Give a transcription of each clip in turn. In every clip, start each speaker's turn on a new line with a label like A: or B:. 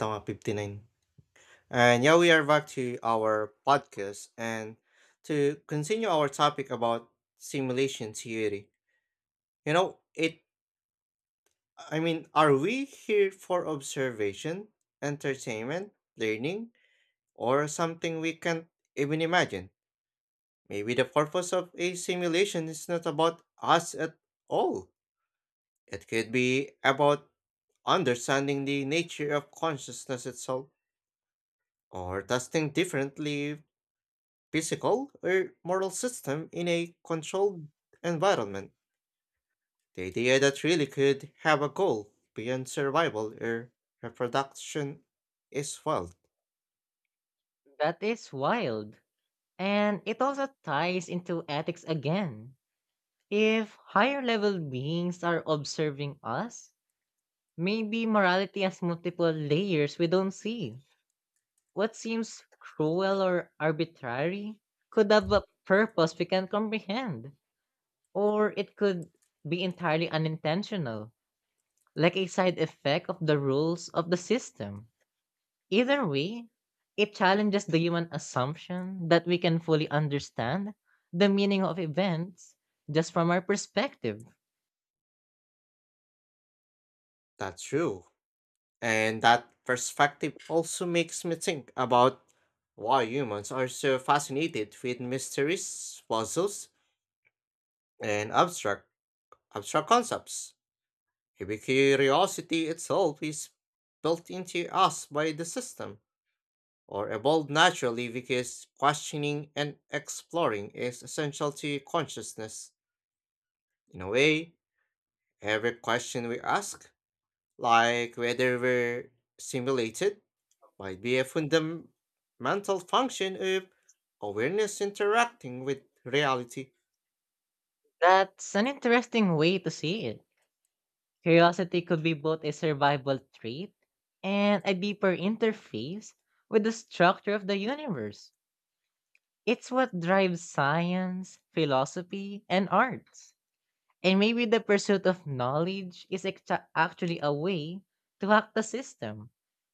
A: Tama 59. And yeah, we are back to our podcast and to continue our topic about simulation theory. You know, it are we here for observation, entertainment, learning, or something we can't even imagine? Maybe the purpose of a simulation is not about us at all. It could be about understanding the nature of consciousness itself, or testing differently physical or moral system in a controlled environment. The idea that really could have a goal beyond survival or reproduction is well,
B: That is wild. And it also ties into ethics again. If higher level beings are observing us, maybe morality has multiple layers we don't see. What seems cruel or arbitrary could have a purpose we can comprehend, or it could be entirely unintentional, like a side effect of the rules of the system. Either way, it challenges the human assumption that we can fully understand the meaning of events just from our perspective.
A: that's true. And that perspective also makes me think about why humans are so fascinated with mysteries, puzzles, and abstract concepts. Maybe curiosity itself is built into us by the system, or evolved naturally because questioning and exploring is essential to consciousness. In a way, every question we ask, like whether we're simulated, might be a fundamental function of awareness interacting with reality.
B: That's an interesting way to see it. Curiosity could be both a survival trait and a deeper interface with the structure of the universe. It's what drives science, philosophy, and arts. And maybe the pursuit of knowledge is actually a way to hack the system,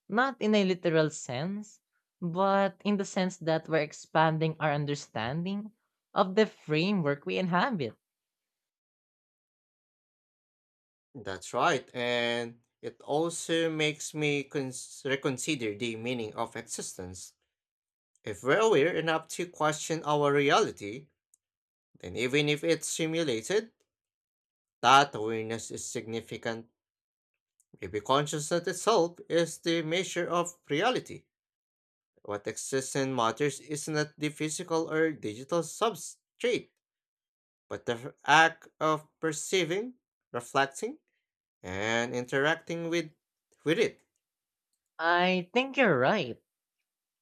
B: not in a literal sense, but in the sense that we're expanding our understanding of the framework we inhabit.
A: That's right, and it also makes me reconsider the meaning of existence. If we're aware enough to question our reality, then even if it's simulated, that awareness is significant. Maybe consciousness itself is the measure of reality. What exists and matters is not the physical or digital substrate, but the act of perceiving, reflecting, and interacting with, it.
B: I think you're right.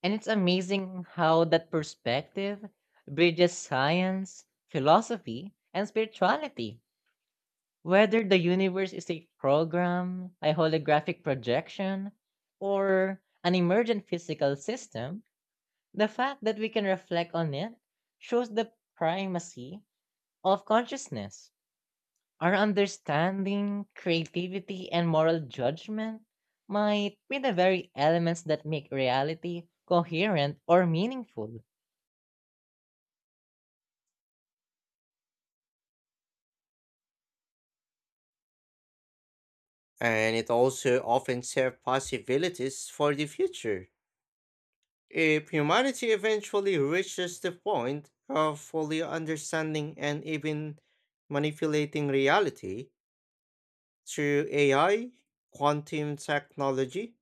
B: And it's amazing how that perspective bridges science, philosophy, and spirituality. Whether the universe is a program, a holographic projection, or an emergent physical system, the fact that we can reflect on it shows the primacy of consciousness. Our understanding, creativity, and moral judgment might be the very elements that make reality coherent or meaningful.
A: And it also often serves possibilities for the future. If humanity eventually reaches the point of fully understanding and even manipulating reality through AI, quantum technology,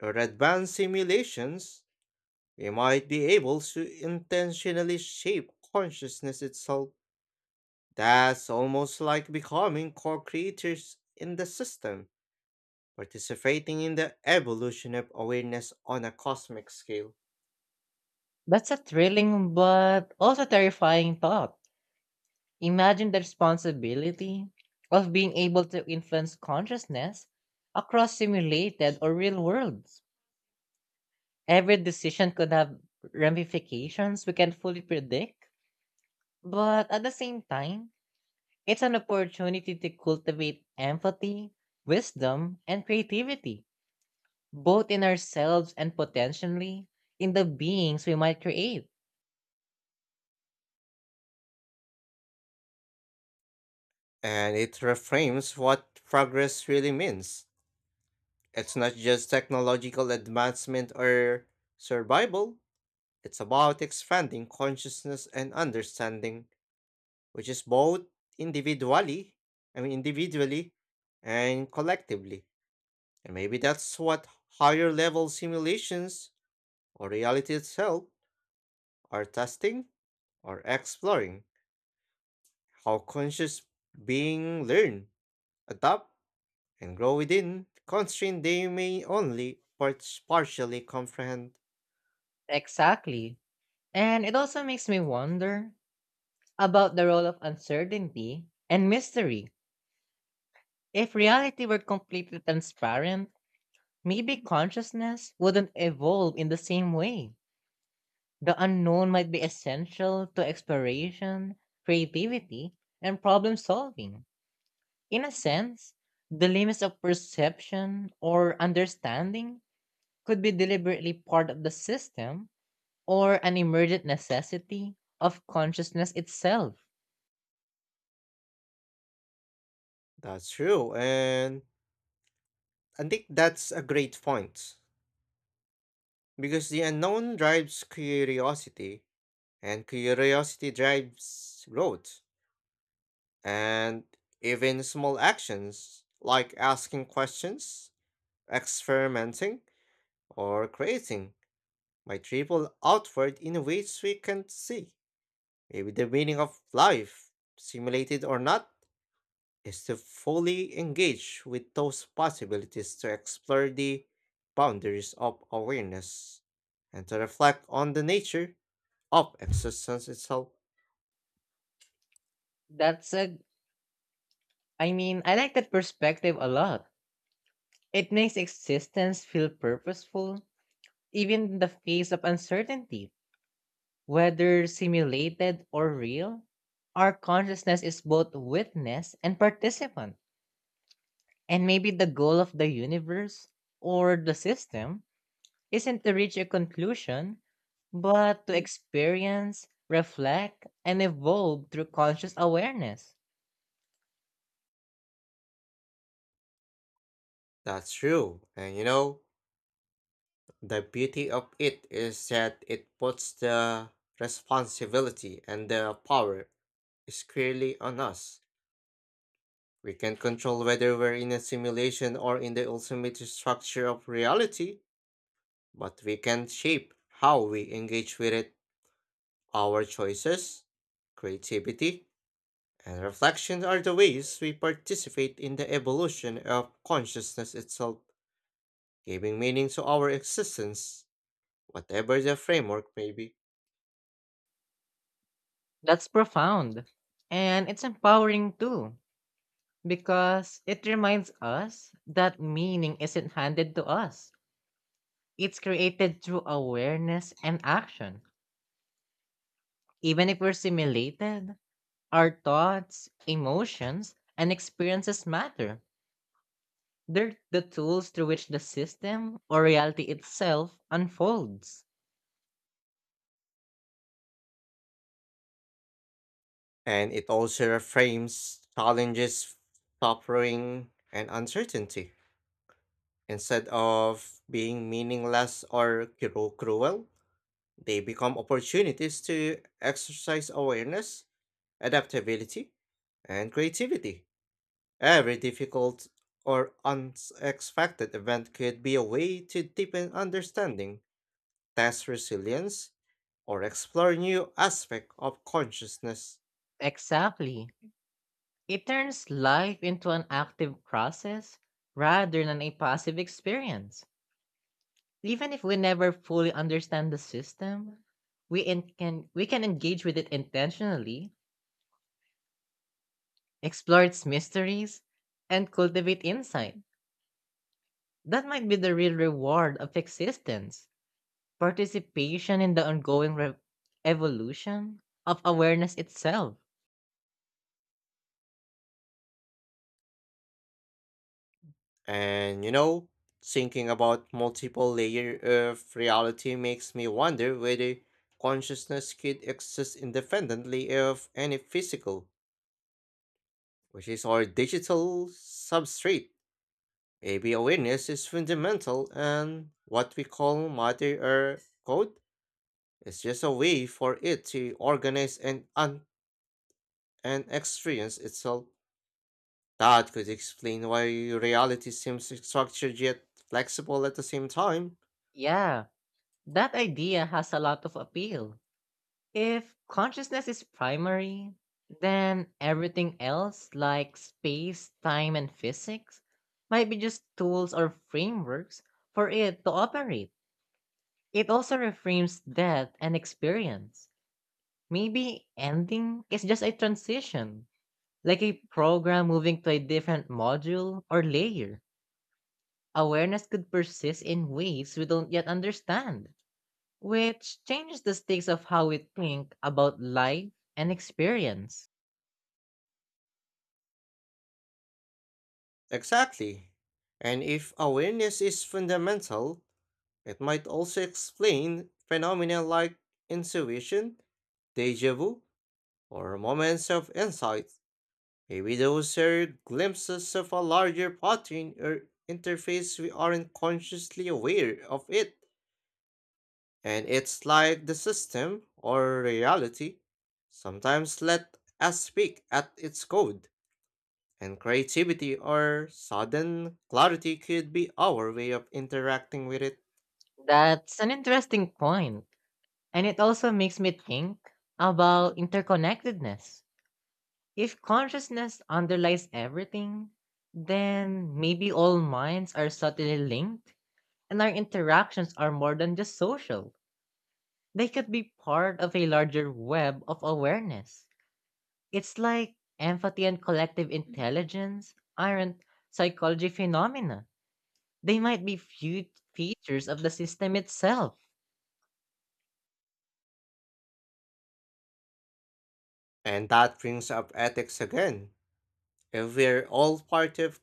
A: or advanced simulations, we might be able to intentionally shape consciousness itself. That's almost like becoming co creators in the system, participating in the evolution of awareness on a cosmic scale.
B: That's a thrilling but also terrifying thought. Imagine the responsibility of being able to influence consciousness across simulated or real worlds. Every decision could have ramifications we can fully predict, but at the same time, it's an opportunity to cultivate empathy, wisdom, and creativity, both in ourselves and potentially in the beings we might create.
A: And it reframes what progress really means. It's not just technological advancement or survival, it's about expanding consciousness and understanding, which is both individually, I mean individually and collectively. And maybe that's what higher level simulations or reality itself are testing or exploring how conscious being learn, adapt, and grow within constraint they may only parts partially comprehend.
B: Exactly. And it also makes me wonder about the role of uncertainty and mystery. If reality were completely transparent, maybe consciousness wouldn't evolve in the same way. The unknown might be essential to exploration, creativity, and problem solving. In a sense, the limits of perception or understanding could be deliberately part of the system or an emergent necessity of consciousness itself.
A: That's true, and I think that's a great point because the unknown drives curiosity, and curiosity drives growth, and even small actions like asking questions, experimenting, or creating might ripple outward in ways we can't see. Maybe the meaning of life, simulated or not, is to fully engage with those possibilities to explore the boundaries of awareness and to reflect on the nature of existence itself.
B: That's a, I mean, I like that perspective a lot. It makes existence feel purposeful. Even in the face of uncertainty, whether simulated or real, our consciousness is both witness and participant. And maybe the goal of the universe or the system isn't to reach a conclusion, but to experience, reflect, and evolve through conscious awareness.
A: That's true. And you know, the beauty of it is that it puts the responsibility and the power squarely on us. We can control whether we're in a simulation or in the ultimate structure of reality, but we can shape how we engage with it. Our choices, creativity, and reflection are the ways we participate in the evolution of consciousness itself, giving meaning to our existence, whatever the framework may be.
B: That's profound. And it's empowering too, because it reminds us that meaning isn't handed to us. It's created through awareness and action. Even if we're simulated, our thoughts, emotions, and experiences matter. They're the tools through which the system or reality itself unfolds.
A: And it also reframes challenges, suffering, and uncertainty. Instead of being meaningless or cruel, they become opportunities to exercise awareness, adaptability, and creativity. Every difficult or unexpected event could be a way to deepen understanding, test resilience, or explore new aspects of consciousness.
B: Exactly. It turns life into an active process rather than a passive experience. Even if we never fully understand the system, we can engage with it intentionally explore its mysteries, and cultivate insight. That might be the real reward of existence participation in the ongoing evolution of awareness itself.
A: And you know, thinking about multiple layer of reality makes me wonder whether consciousness could exist independently of any physical, which is our digital substrate. Maybe awareness is fundamental, and what we call matter or code, it's just a way for it to organize and and experience itself. That could explain why reality seems so structured yet flexible at the same time.
B: Yeah, that idea has a lot of appeal. If consciousness is primary, then everything else, like space, time, and physics, might be just tools or frameworks for it to operate. It also reframes death and experience. Maybe ending is just a transition, like a program moving to a different module or layer. Awareness could persist in ways we don't yet understand, which changes the stakes of how we think about life and experience.
A: Exactly. And if awareness is fundamental, it might also explain phenomena like intuition, deja vu, or moments of insight. Maybe those are glimpses of a larger pattern or interface we aren't consciously aware of it. And it's like the system or reality sometimes let us speak at its code, and creativity or sudden clarity could be our way of interacting with it.
B: That's an interesting point, and it also makes me think about interconnectedness. If consciousness underlies everything, then maybe all minds are subtly linked. And our interactions are more than just social. They could be part of a larger web of awareness. It's like empathy and collective intelligence aren't psychology phenomena. They might be few features of the system itself.
A: And that brings up ethics again. If we're all part of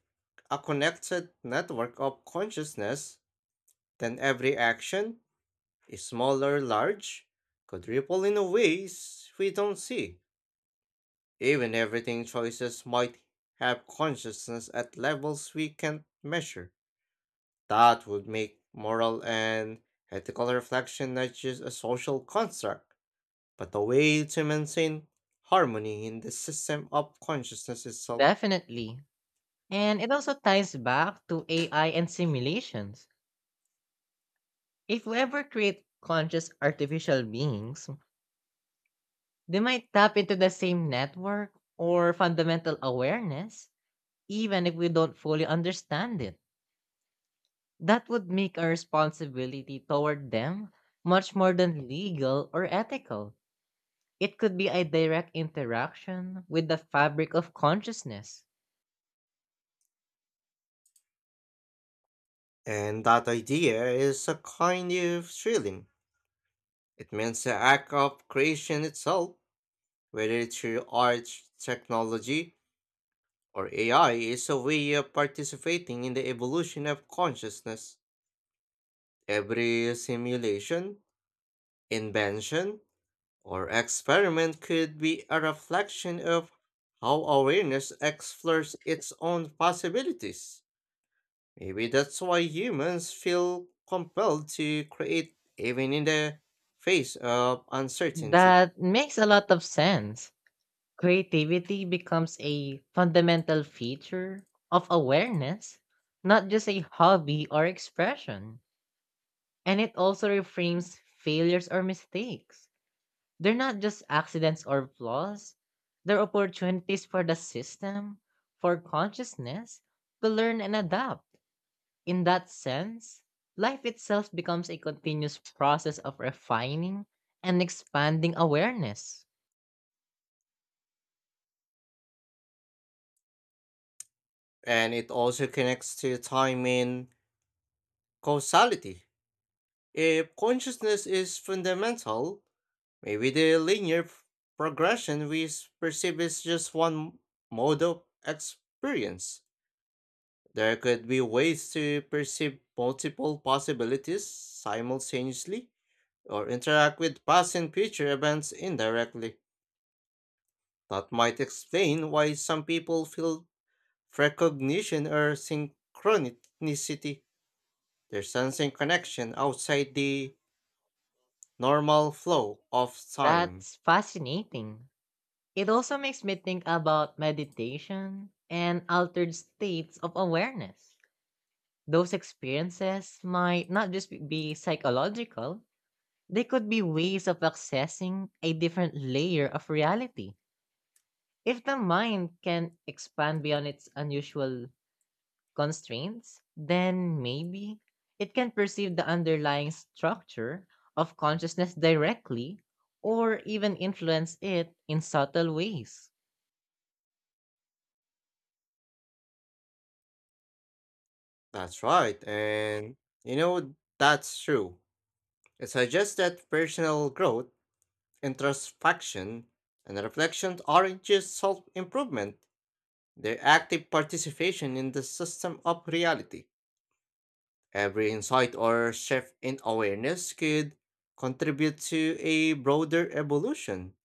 A: a connected network of consciousness, then every action, small or large, could ripple in ways we don't see. Even everything choices might have consciousness at levels we can't measure. That would make moral and ethical reflection not just a social construct, but a way to maintain harmony in the system of consciousness itself.
B: Definitely. And it also ties back to AI and simulations. If we ever create conscious artificial beings, they might tap into the same network or fundamental awareness even if we don't fully understand it. That would make our responsibility toward them much more than legal or ethical. It could be a direct interaction with the fabric of consciousness.
A: And that idea is a kind of thrilling. It means the act of creation itself, whether through art, technology, or AI, is a way of participating in the evolution of consciousness. Every simulation, invention, or experiment could be a reflection of how awareness explores its own possibilities. Maybe that's why humans feel compelled to create even in the face of uncertainty.
B: That makes a lot of sense. Creativity becomes a fundamental feature of awareness, not just a hobby or expression. And it also reframes failures or mistakes. They're not just accidents or flaws. They're opportunities for the system, for consciousness, to learn and adapt. In that sense, life itself becomes a continuous process of refining and expanding awareness.
A: And it also connects to time and causality. If consciousness is fundamental, maybe the linear progression we perceive is just one mode of experience. There could be ways to perceive multiple possibilities simultaneously or interact with past and future events indirectly. That might explain why some people feel precognition or synchronicity. They're sensing connection outside the normal flow of time.
B: That's fascinating. It also makes me think about meditation and altered states of awareness. Those experiences might not just be psychological. They could be ways of accessing a different layer of reality. If the mind can expand beyond its unusual constraints, then maybe it can perceive the underlying structure of consciousness directly or even influence it in subtle ways.
A: That's right. And you know, that's true. It suggests that personal growth, introspection, and reflection aren't just self improvement, they're active participation in the system of reality. Every insight or shift in awareness could contribute to a broader evolution,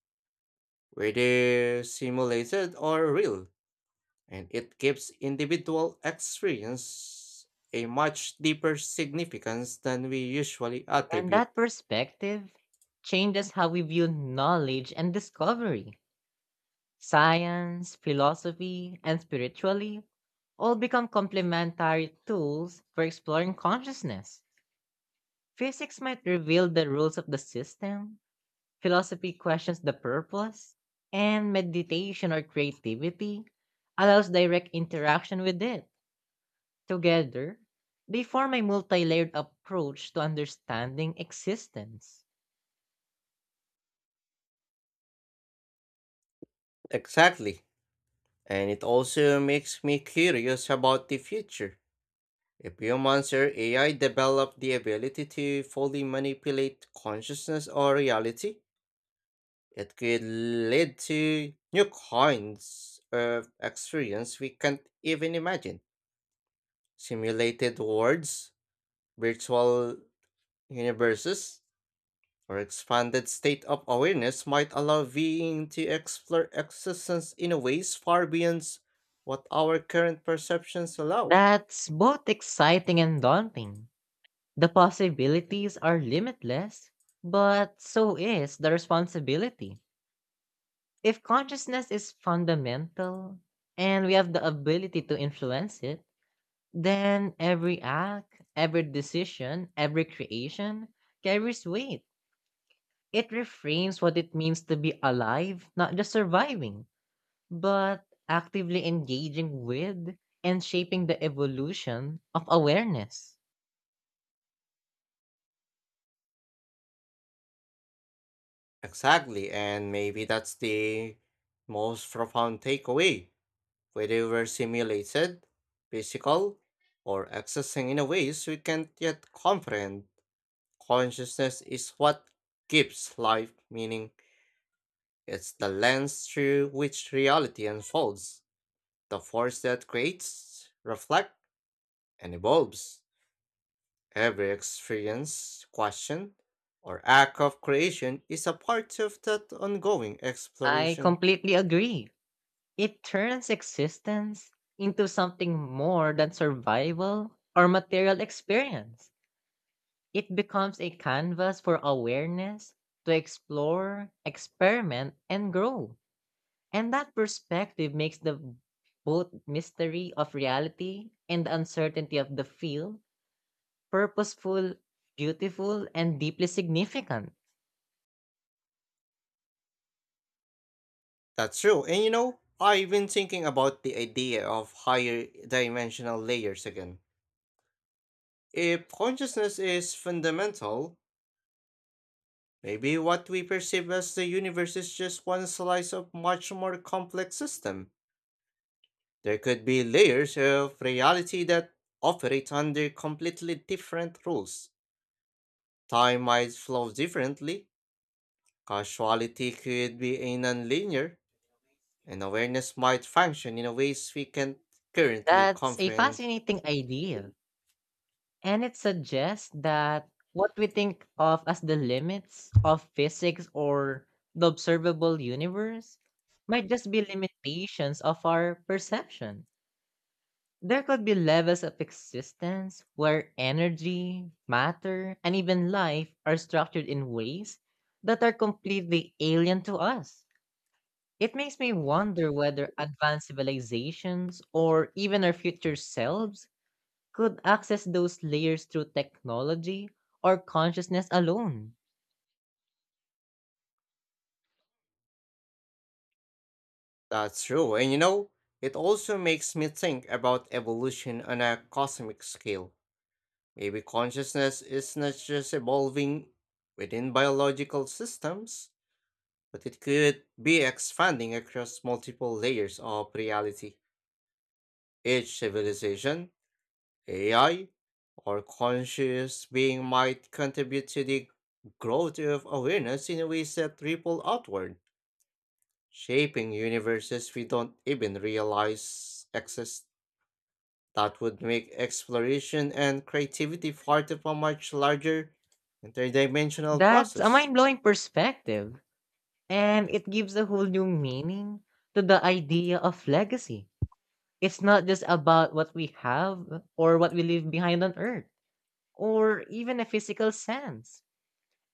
A: whether simulated or real, and it gives individual experience a much deeper significance than we usually
B: And
A: attribute.
B: that perspective changes how we view knowledge and discovery. Science, philosophy, and spirituality all become complementary tools for exploring consciousness. Physics might reveal the rules of the system, philosophy questions the purpose, and meditation or creativity allows direct interaction with it. Together, they form a multi layered approach to understanding existence.
A: Exactly. And it also makes me curious about the future. If humans or AI develop the ability to fully manipulate consciousness or reality, it could lead to new kinds of experience we can't even imagine. Simulated worlds, virtual universes, our expanded state of awareness might allow being to explore existence in ways far beyond what our current perceptions allow.
B: That's both exciting and daunting. The possibilities are limitless, but so is the responsibility. If consciousness is fundamental and we have the ability to influence it, then every act, every decision, every creation carries weight. It reframes what it means to be alive, not just surviving, but actively engaging with and shaping the evolution of awareness.
A: Exactly, and maybe that's the most profound takeaway. Whether we're simulated, physical, or accessing in ways we can't yet comprehend, consciousness is what gives life meaning. It's the lens through which reality unfolds, the force that creates, reflects, and evolves. Every experience, question, or act of creation is a part of that ongoing
B: I
A: exploration.
B: completely agree. It turns existence into something more than survival or material experience. It becomes a canvas for awareness to explore, experiment, and grow. And that perspective makes the both mystery of reality and the uncertainty of the field purposeful, beautiful, and deeply significant.
A: That's true, and you know, I've been thinking about the idea of higher dimensional layers again. If consciousness is fundamental, maybe what we perceive as the universe is just one slice of much more complex system. There could be layers of reality that operate under completely different rules. Time might flow differently, causality could be a nonlinear, and awareness might function in ways we can't currently
B: That's a
A: comprehend.
B: fascinating idea. And it suggests that what we think of as the limits of physics or the observable universe might just be limitations of our perception. There could be levels of existence where energy, matter, and even life are structured in ways that are completely alien to us. It makes me wonder whether advanced civilizations or even our future selves could access those layers through technology or consciousness alone.
A: That's true, and you know, it also makes me think about evolution on a cosmic scale. Maybe consciousness is not just evolving within biological systems, but it could be expanding across multiple layers of reality. Each civilization, AI, or conscious being might contribute to the growth of awareness in ways that ripple outward, shaping universes we don't even realize exist. That would make exploration and creativity part of a much larger interdimensional
B: That's a
A: process.
B: mind blowing perspective, and it gives a whole new meaning to the idea of legacy. It's not just about what we have or what we leave behind on Earth, or even a physical sense.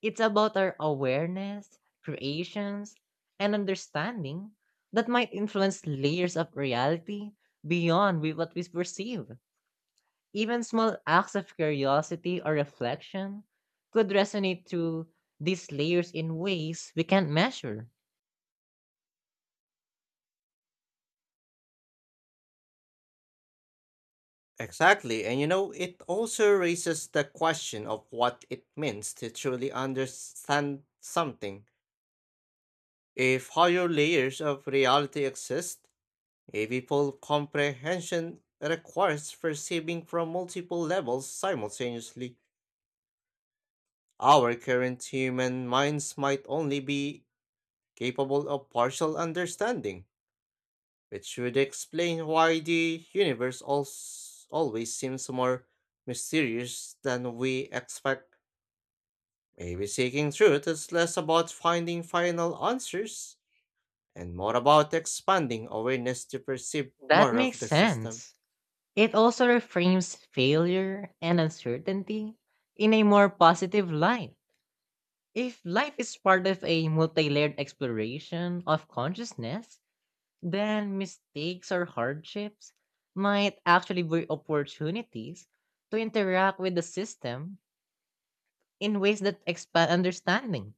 B: It's about our awareness, creations, and understanding that might influence layers of reality beyond what we perceive. Even small acts of curiosity or reflection could resonate through these layers in ways we can't measure.
A: Exactly, and you know, it also raises the question of what it means to truly understand something. If higher layers of reality exist, AV comprehension requires perceiving from multiple levels simultaneously. Our current human minds might only be capable of partial understanding, which would explain why the universe always seems more mysterious than we expect. Maybe seeking truth is less about finding final answers and more about expanding awareness to perceive
B: That
A: more of
B: makes
A: the system.
B: sense. It also reframes failure and uncertainty in a more positive light. If life is part of a multi layered exploration of consciousness, then mistakes or hardships might actually be opportunities to interact with the system in ways that expand understanding.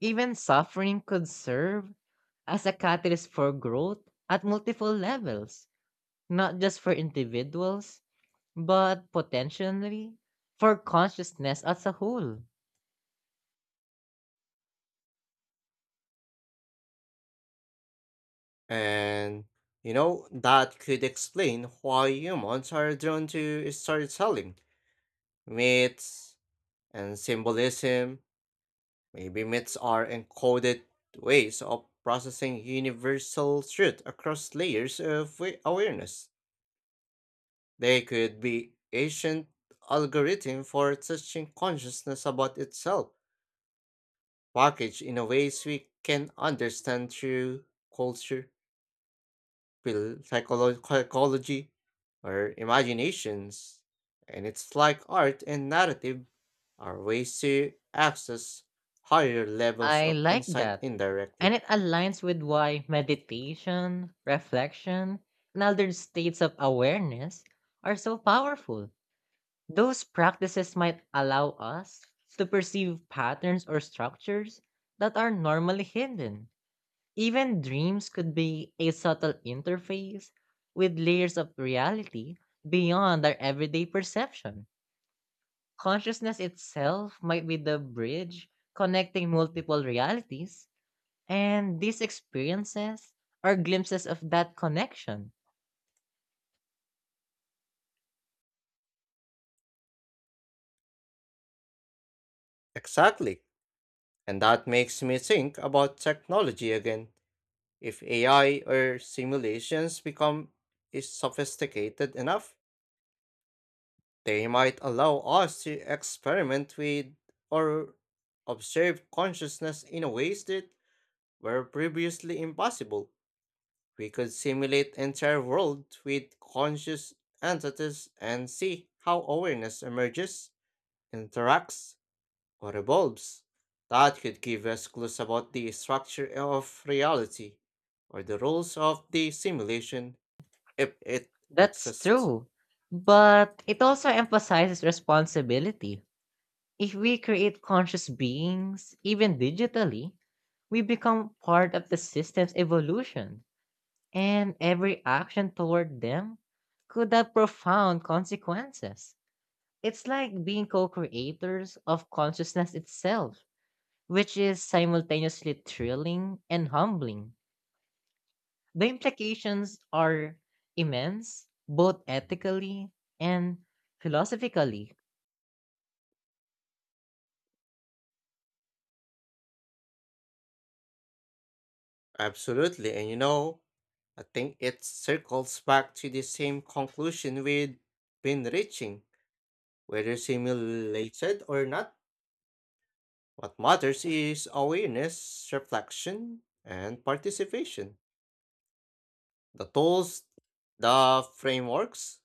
B: Even suffering could serve as a catalyst for growth at multiple levels, not just for individuals, but potentially for consciousness as a whole.
A: And you know, that could explain why humans are drawn to storytelling, myths, and symbolism. Maybe myths are encoded ways of processing universal truth across layers of awareness. They could be ancient algorithm for teaching consciousness about itself, packaged in a ways we can understand through culture, psychology, or imaginations, and it's like art and narrative are ways to access higher levels
B: I
A: of
B: like
A: insight
B: that. And
A: indirectly.
B: it aligns with why meditation, reflection, and other states of awareness are so powerful. Those practices might allow us to perceive patterns or structures that are normally hidden. Even dreams could be a subtle interface with layers of reality beyond our everyday perception. Consciousness itself might be the bridge connecting multiple realities, and these experiences are glimpses of that connection.
A: Exactly. And that makes me think about technology again. If AI or simulations become is sophisticated enough, they might allow us to experiment with or observe consciousness in ways that were previously impossible. We could simulate entire world with conscious entities and see how awareness emerges, interacts, or evolves. That could give us clues about the structure of reality or the rules of the simulation if it
B: That's
A: exists.
B: true, but it also emphasizes responsibility. If we create conscious beings, even digitally, we become part of the system's evolution and every action toward them could have profound consequences. It's like being co creators of consciousness itself, which is simultaneously thrilling and humbling. The implications are immense, both ethically and philosophically.
A: Absolutely, and you know, I think it circles back to the same conclusion we've been reaching, whether simulated or not. What matters is awareness, reflection, and participation. The tools, the frameworks,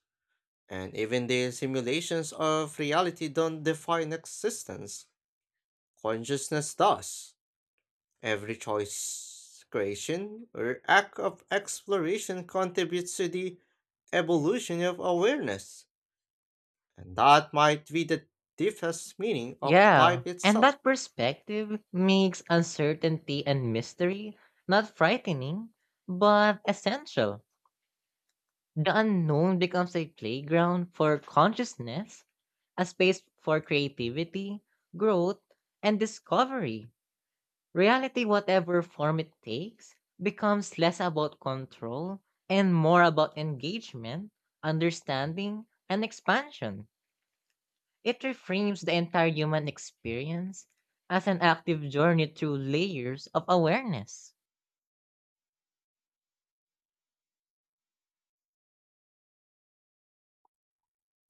A: and even the simulations of reality don't define existence. Consciousness does. Every choice, creation, or act of exploration contributes to the evolution of awareness, and that might be the deepest meaning of
B: Yeah,
A: life
B: and
A: itself.
B: that perspective makes uncertainty and mystery not frightening, but essential. The unknown becomes a playground for consciousness, a space for creativity, growth, and discovery. Reality, whatever form it takes, becomes less about control and more about engagement, understanding, and expansion. It reframes the entire human experience as an active journey through layers of awareness.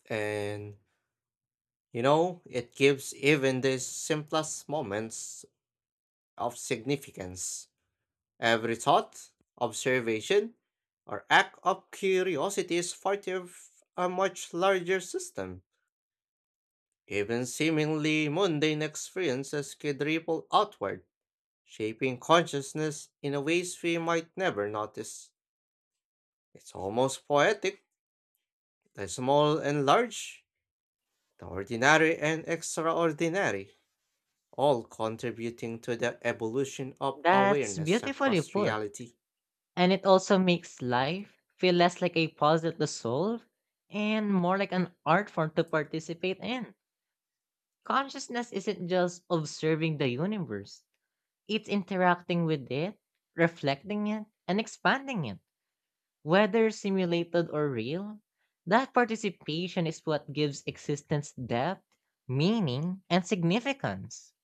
A: And you know, it gives even the simplest moments of significance. Every thought, observation, or act of curiosity is part of a much larger system. Even seemingly mundane experiences could ripple outward, shaping consciousness in a ways we might never notice. It's almost poetic, the small and large, the ordinary and extraordinary, all contributing to the evolution of
B: That's
A: awareness
B: beautifully
A: across
B: put.
A: reality.
B: And it also makes life feel less like a puzzle to solve and more like an art form to participate in. Consciousness isn't just observing the universe, it's interacting with it, reflecting it, and expanding it. Whether simulated or real, that participation is what gives existence depth, meaning, and significance.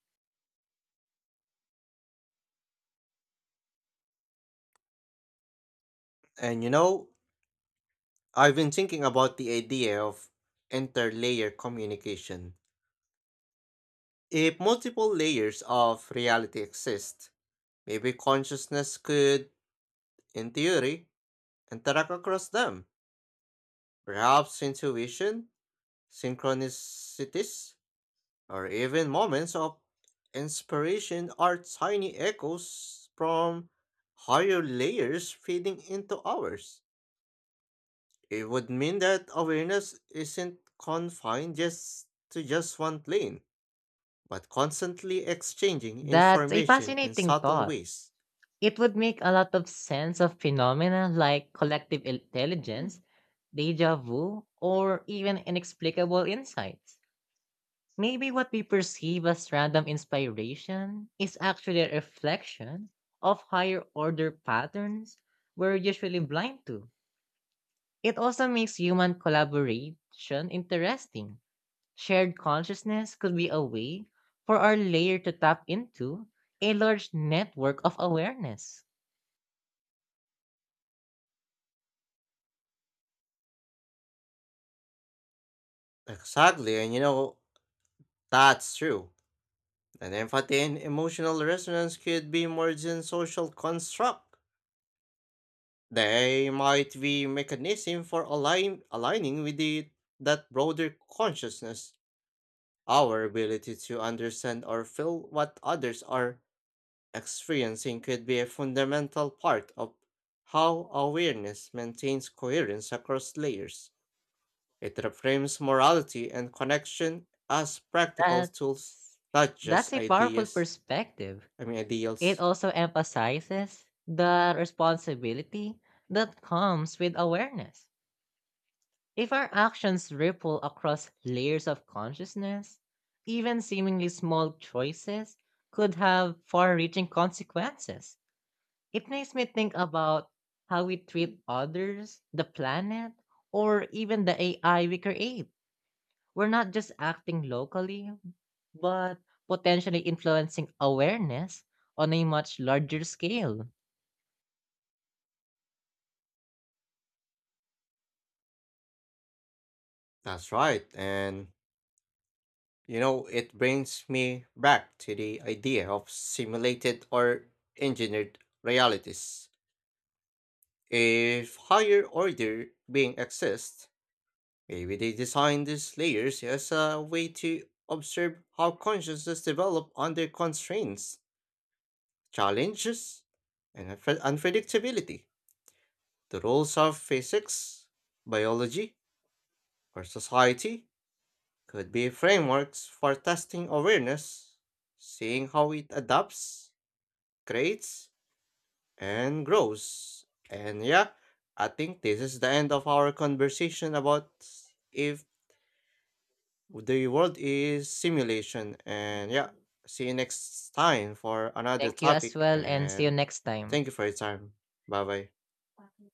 A: And you know, I've been thinking about the idea of interlayer communication. If multiple layers of reality exist, maybe consciousness could, in theory, interact across them. Perhaps intuition, synchronicities, or even moments of inspiration are tiny echoes from higher layers feeding into ours. It would mean that awareness isn't confined just to just one plane, but constantly exchanging
B: That's a
A: information in
B: fascinating
A: subtle
B: thought.
A: ways.
B: It would make a lot of sense of phenomena like collective intelligence, deja vu, or even inexplicable insights. Maybe what we perceive as random inspiration is actually a reflection of higher order patterns we're usually blind to. It also makes human collaboration interesting. Shared consciousness could be a way for our layer to tap into a large network of awareness.
A: Exactly, and you know, that's true. And empathy and emotional resonance could be more than social construct. They might be mechanism for aligning with that broader consciousness. Our ability to understand or feel what others are experiencing could be a fundamental part of how awareness maintains coherence across layers. It reframes morality and connection as practical tools,
B: That's
A: not
B: that's
A: just
B: a powerful
A: ideas.
B: perspective.
A: I mean
B: It
A: ideals.
B: also emphasizes the responsibility that comes with awareness. If our actions ripple across layers of consciousness, even seemingly small choices could have far reaching consequences. It makes me think about how we treat others, the planet, or even the AI we create. We're not just acting locally, but potentially influencing awareness on a much larger scale.
A: That's right. And, you know, it brings me back to the idea of simulated or engineered realities. If higher order being exists, maybe they designed these layers as a way to observe how consciousness develop under constraints, challenges, and unpredictability. The roles of physics, biology, or society could be frameworks for testing awareness, seeing how it adapts, creates, and grows. And yeah, I think this is the end of our conversation about if the world is simulation. And yeah, see you next time for another
B: Thank you as
A: topic.
B: well, and see you
A: And
B: next time.
A: thank you for your time. Bye bye.